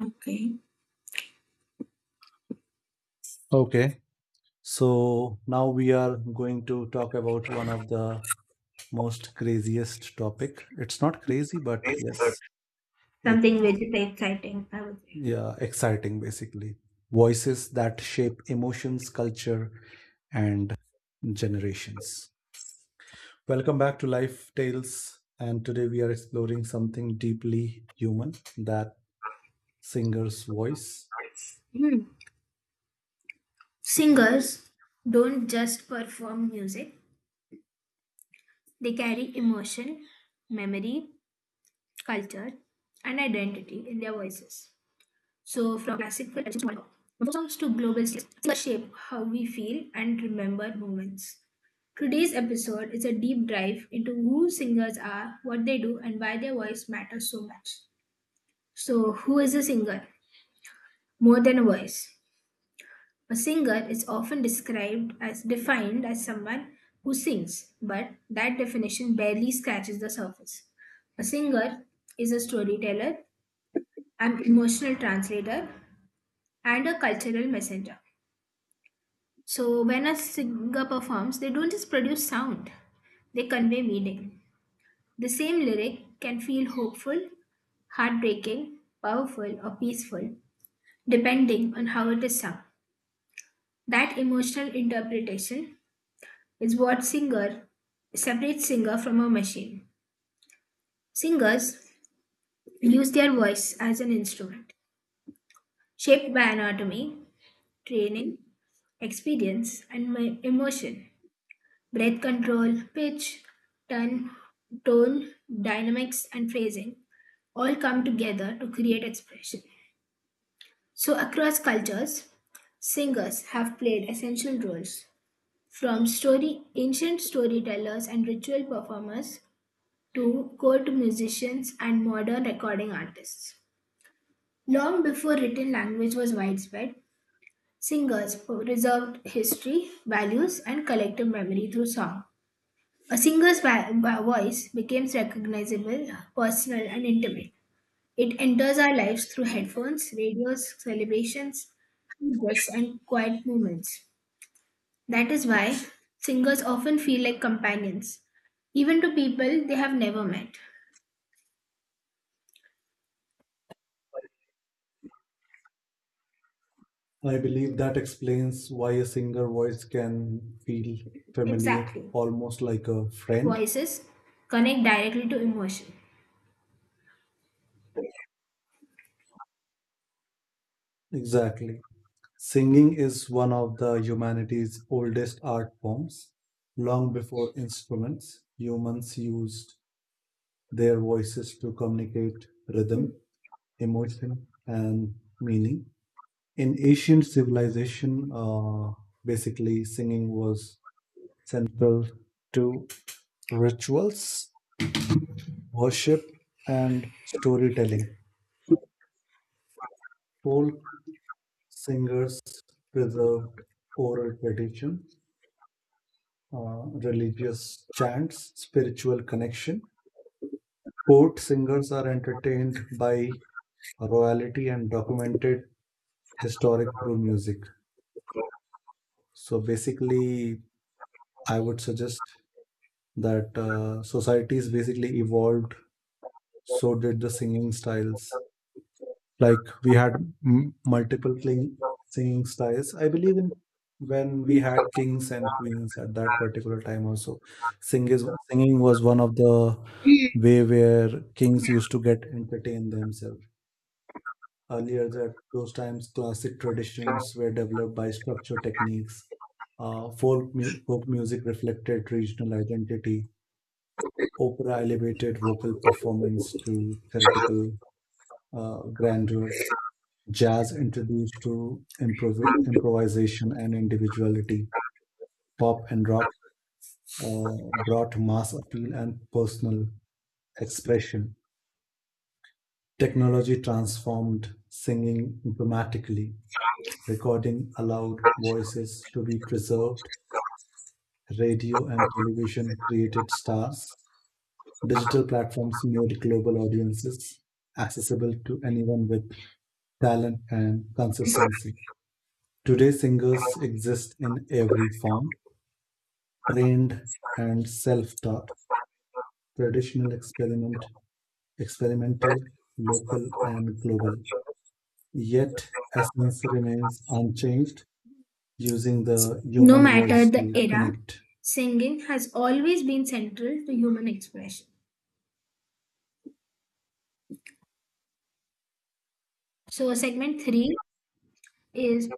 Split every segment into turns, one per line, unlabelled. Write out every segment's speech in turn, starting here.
Okay.
Okay, so now we are going to talk about one of the most craziest topic. It's not crazy, but
Yes, but
yes, it's
something very exciting, I would say.
yeah, exciting basically. Voices that shape emotions, culture, and generations. Welcome back to Life Tales, and today we are exploring something deeply human, that singer's voice.
Nice. Hmm.
So,
Singers don't just perform music, they carry emotion, memory, culture, and identity in their voices. So, from classical traditions to modern pop, from folk songs to global stars, singers shape how we feel and remember moments. Today's episode is a deep dive into who singers are, what they do, and why their voice matters so much. So, who is a singer? More than a voice. A singer is often described as defined as someone who sings, but that definition barely scratches the surface. A singer is a storyteller, an emotional translator, and a cultural messenger. So, when a singer performs, they don't just produce sound, they convey meaning. The same lyric can feel hopeful, heartbreaking, powerful, or peaceful, depending on how it is sung. That emotional interpretation is what singer separates singer from a machine. Singers use their voice as an instrument, shaped by anatomy, training, experience, and my emotion. Breath control, pitch, tone, tone, dynamics, and phrasing all come together to create expression. So, across cultures, singers have played essential roles from story, ancient storytellers and ritual performers to court musicians and modern recording artists. Long before written language was widespread, singers preserved history, values, and collective memory through song. A singer's voice becomes recognizable, personal, and intimate. It enters our lives through headphones, radios, celebrations, handbooks, and quiet moments. That is why singers often feel like companions, even to people they have never met.
I believe that explains why a singer voice can feel familiar,
Exactly.
almost like a friend.
Voices connect directly to emotion.
Exactly. Singing is one of the humanity's oldest art forms. Long before instruments, humans used their voices to communicate rhythm, emotion, and meaning. In ancient civilization, basically, singing was central to rituals worship, and storytelling. Folk singers preserved oral tradition, religious chants, spiritual connection. Court singers are entertained by royalty and documented historic through music. So basically, I would suggest that societies basically evolved, so did the singing styles like we had multiple king, singing styles I believe in when we had kings and queens at that particular time also singing was one of the way where kings used to get entertained themselves earlier that those times classic traditions were developed by structure techniques folk music reflected regional identity opera elevated vocal performance to theatrical grandeur. Jazz introduced to improvisation and individuality. Pop and rock brought mass appeal and personal expression. Technology transformed singing dramatically. Recording allowed voices to be preserved. Radio and television created stars. Digital platforms made global audiences accessible to anyone with talent and consistency. Today, singers exist in every form trained and self-taught, traditional experiment, experimental, local and global. Yet essence remains unchanged, using the
No
human
matter
voice
the
to
era,
connect.
singing has always been central to human expression. So, segment three is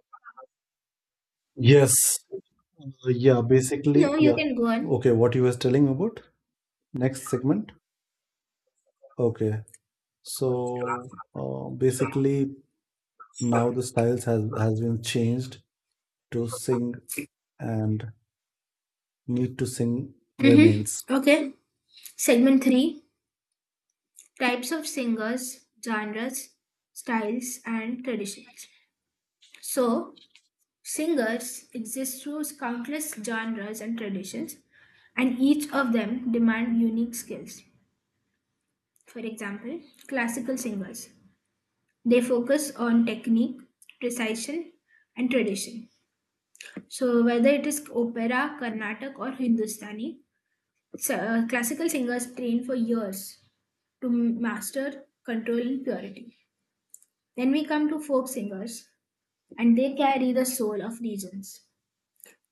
Yes. Yeah, basically,
no, you
yeah.
can go on.
Okay, what you was telling about? Next segment. Okay. So basically now the styles has been changed to sing and need to sing remains.
Mm-hmm. Okay. Segment three, types of singers, genres, styles, and traditions. So, singers exist through countless genres and traditions, and each of them demand unique skills. For example, classical singers. They focus on technique, precision, and tradition. So whether it is opera, Carnatic, or Hindustani, classical singers train for years to master control and purity. Then we come to folk singers, and they carry the soul of regions.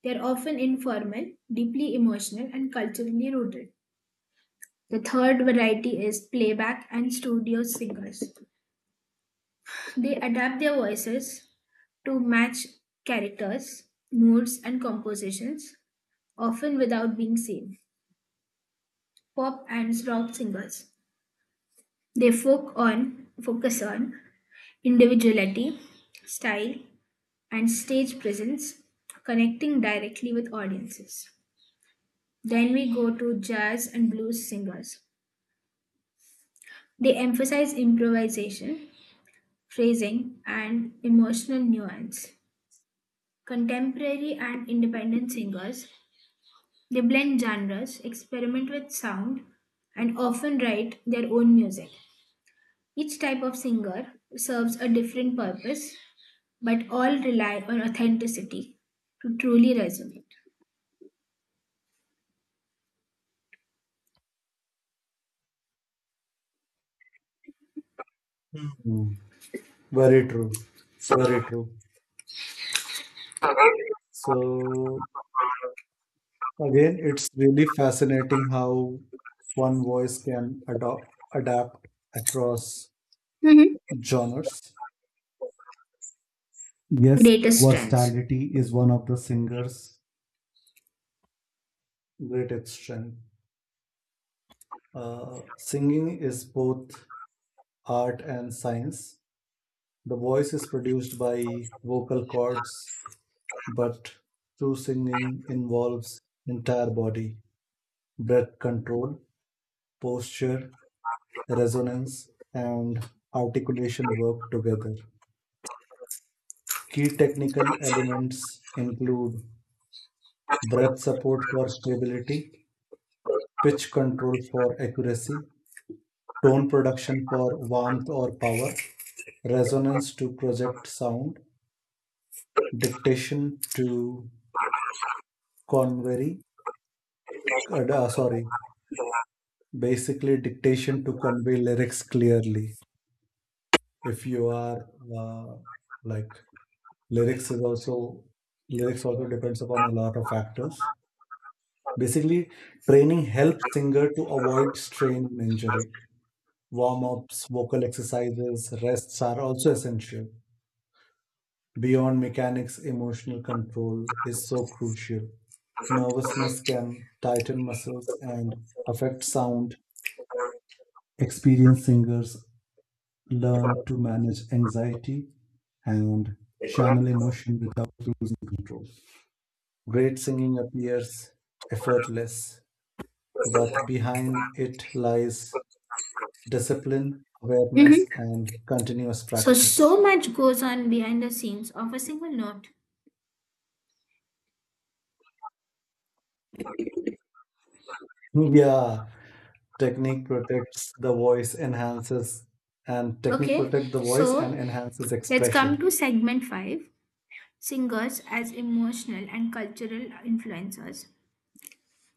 They are often informal, deeply emotional, and culturally rooted. The third variety is playback and studio singers. They adapt their voices to match characters, moods, and compositions, often without being seen. Pop and rock singers. They focus on individuality, style, and stage presence, connecting directly with audiences. Then we go to jazz and blues singers. They emphasize improvisation, phrasing, and emotional nuance. Contemporary and independent singers, they blend genres, experiment with sound, and often write their own music. Each type of singer serves a different purpose, but all rely on authenticity to truly resonate.
Hmm. Very true. Very true. So again, it's really fascinating how one voice can adopt adapt across
Mm-hmm.
genres. Yes,
Greatest strengths.
versatility is one of the singer's greatest strength. Singing is both art and science. The voice is produced by vocal cords, but true singing involves entire body, breath control, posture, resonance, and articulation work together. Key technical elements include breath support for stability, pitch control for accuracy, tone production for warmth or power, resonance to project sound, dictation to convey, uh, uh, sorry, basically dictation to convey lyrics clearly. If you are uh, like lyrics is also lyrics also depends upon a lot of factors basically training helps singer to avoid strain and injury warm-ups vocal exercises rests are also essential beyond mechanics emotional control is so crucial nervousness can tighten muscles and affect sound experienced singers learn to manage anxiety and channel emotion without losing control. Great singing appears effortless, but behind it lies discipline, awareness,
Mm-hmm.
and continuous
So,
practice.
so much goes on behind the scenes of a single note.
Yeah, technique protects the voice, enhances, technique
Okay,
protect the voice and
so
enhances
let's come
expression.
to segment 5, singers as emotional and cultural influencers.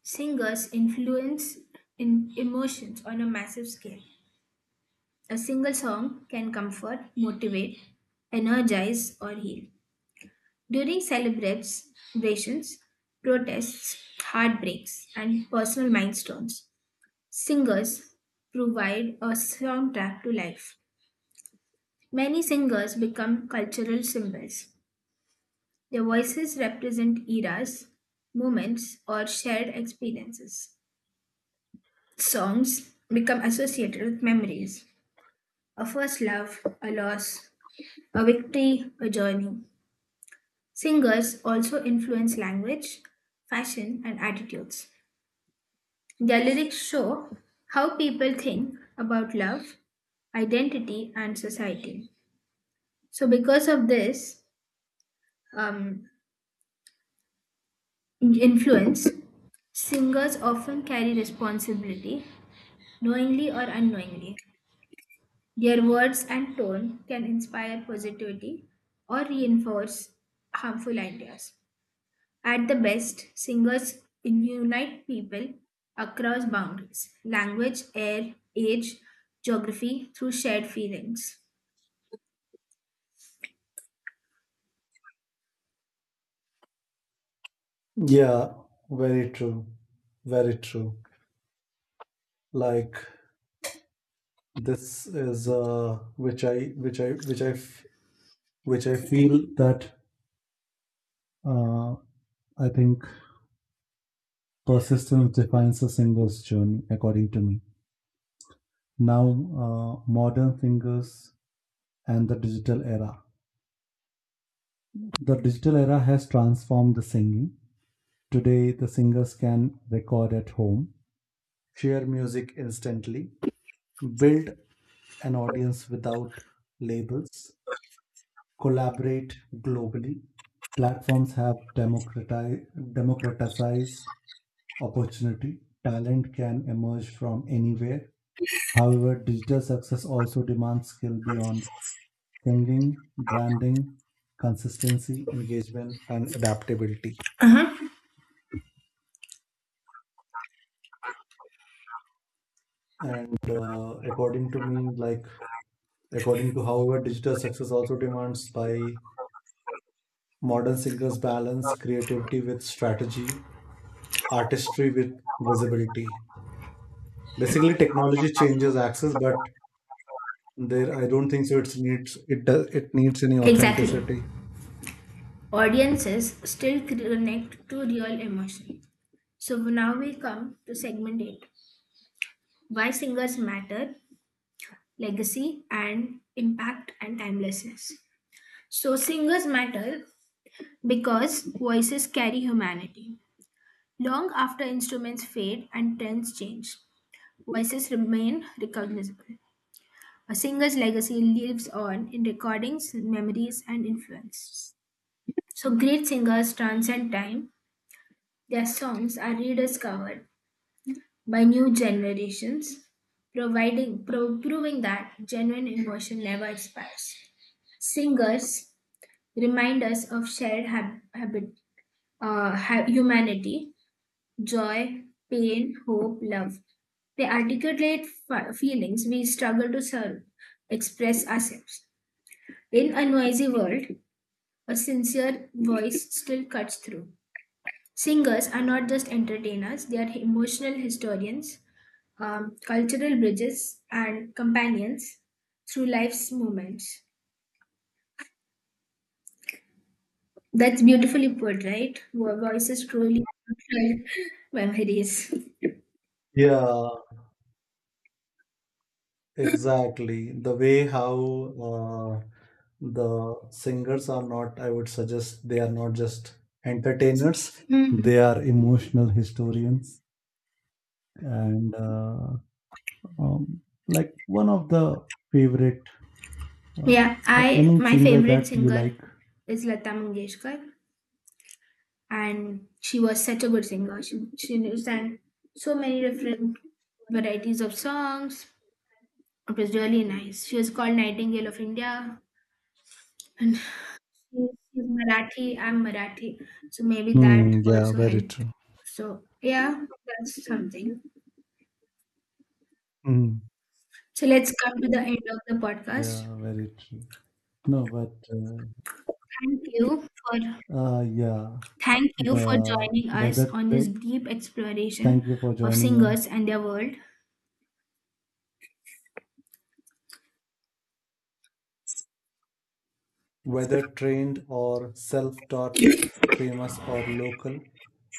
Singers influence in emotions on a massive scale. A single song can comfort, motivate, energize, or heal. During celebrations, protests, heartbreaks, and personal milestones, singers provide a soundtrack to life. Many singers become cultural symbols. Their voices represent eras, moments, or shared experiences. Songs become associated with memories: a first love, a loss, a victory, a journey. Singers also influence language, fashion, and attitudes. Their lyrics show how people think about love, identity, and society. So, because of this um, influence, singers often carry responsibility, knowingly or unknowingly. Their words and tone can inspire positivity or reinforce harmful ideas. At the best, singers unite people across boundaries, language, air, age, geography through shared feelings.
Yeah, very true. Very true. Like this is which I feel that uh, I think persistence defines a singer's journey, according to me. Now, modern singers and the digital era. The digital era has transformed the singing. Today, the singers can record at home, share music instantly, build an audience without labels, collaborate globally. Platforms have democratized opportunity. Talent can emerge from anywhere. However, digital success also demands skill beyond singing, branding, consistency, engagement, and adaptability. And according to me, like according to however, digital success also demands by modern singers balance creativity with strategy, artistry with visibility. Basically, technology changes access, but there I don't think so. It needs any
Exactly.
authenticity.
Audiences still connect to real emotion. So now we come to segment 8, why singers matter, legacy and impact and timelessness. So, singers matter because voices carry humanity. Long after instruments fade and trends change, voices remain recognizable. A singer's legacy lives on in recordings, memories, and influences. So, great singers transcend time. Their songs are rediscovered by new generations, proving that genuine emotion never expires. Singers remind us of shared humanity, joy, pain, hope, love. They articulate feelings we struggle to serve, express ourselves. In a noisy world, a sincere voice still cuts through. Singers are not just entertainers, they are emotional historians, cultural bridges, and companions through life's moments. That's beautifully put, right? Voices truly memories.
Yeah. Exactly. The way how uh, the singers are not, I would suggest they are not just entertainers,
Mhm.
they are emotional historians. And like one of the favorite, uh,
Yeah, I
any
my
singer
favorite
that you
singer
like.
is Lata Mangeshkar, and she was such a good singer. She sang so many different varieties of songs. It was really nice. She was called Nightingale of India, and she's Marathi. I'm Marathi, so maybe that
Hmm, yeah,
also
very
helped.
true.
So yeah, that's something.
Mm,
So let's come to the end of the
yeah,
podcast.
very true. No, but
Thank you for
yeah,
Thank you for
the
joining us
weather.
on
tra-
this deep
thank
exploration
you for
of
joining us.
singers and their world.
Whether trained or self taught, famous or local,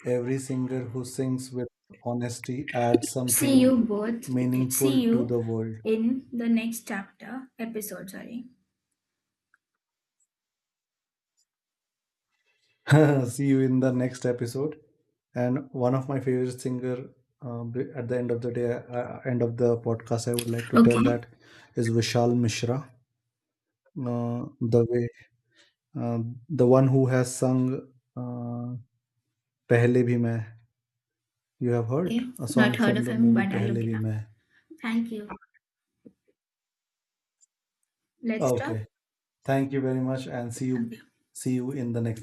every singer who sings with honesty adds
See
something
you both.
meaningful
See
to
you
the world.
in the next chapter episode. Sorry.
See you in the next episode. And one of my favorite singer at the end of the day, end of the podcast, I would like to tell
Okay.
that is Vishal Mishra. The way uh, the one who has sung uh, "Pehle Bhi Main." You have heard
Okay.
a
Not
song
heard
from
of
the
him,
movie
but I'll
"Pehle
look it
Bhi
up.
Main."
Thank you. Let's stop.
Okay. Thank you very much and
Okay.
see you in the next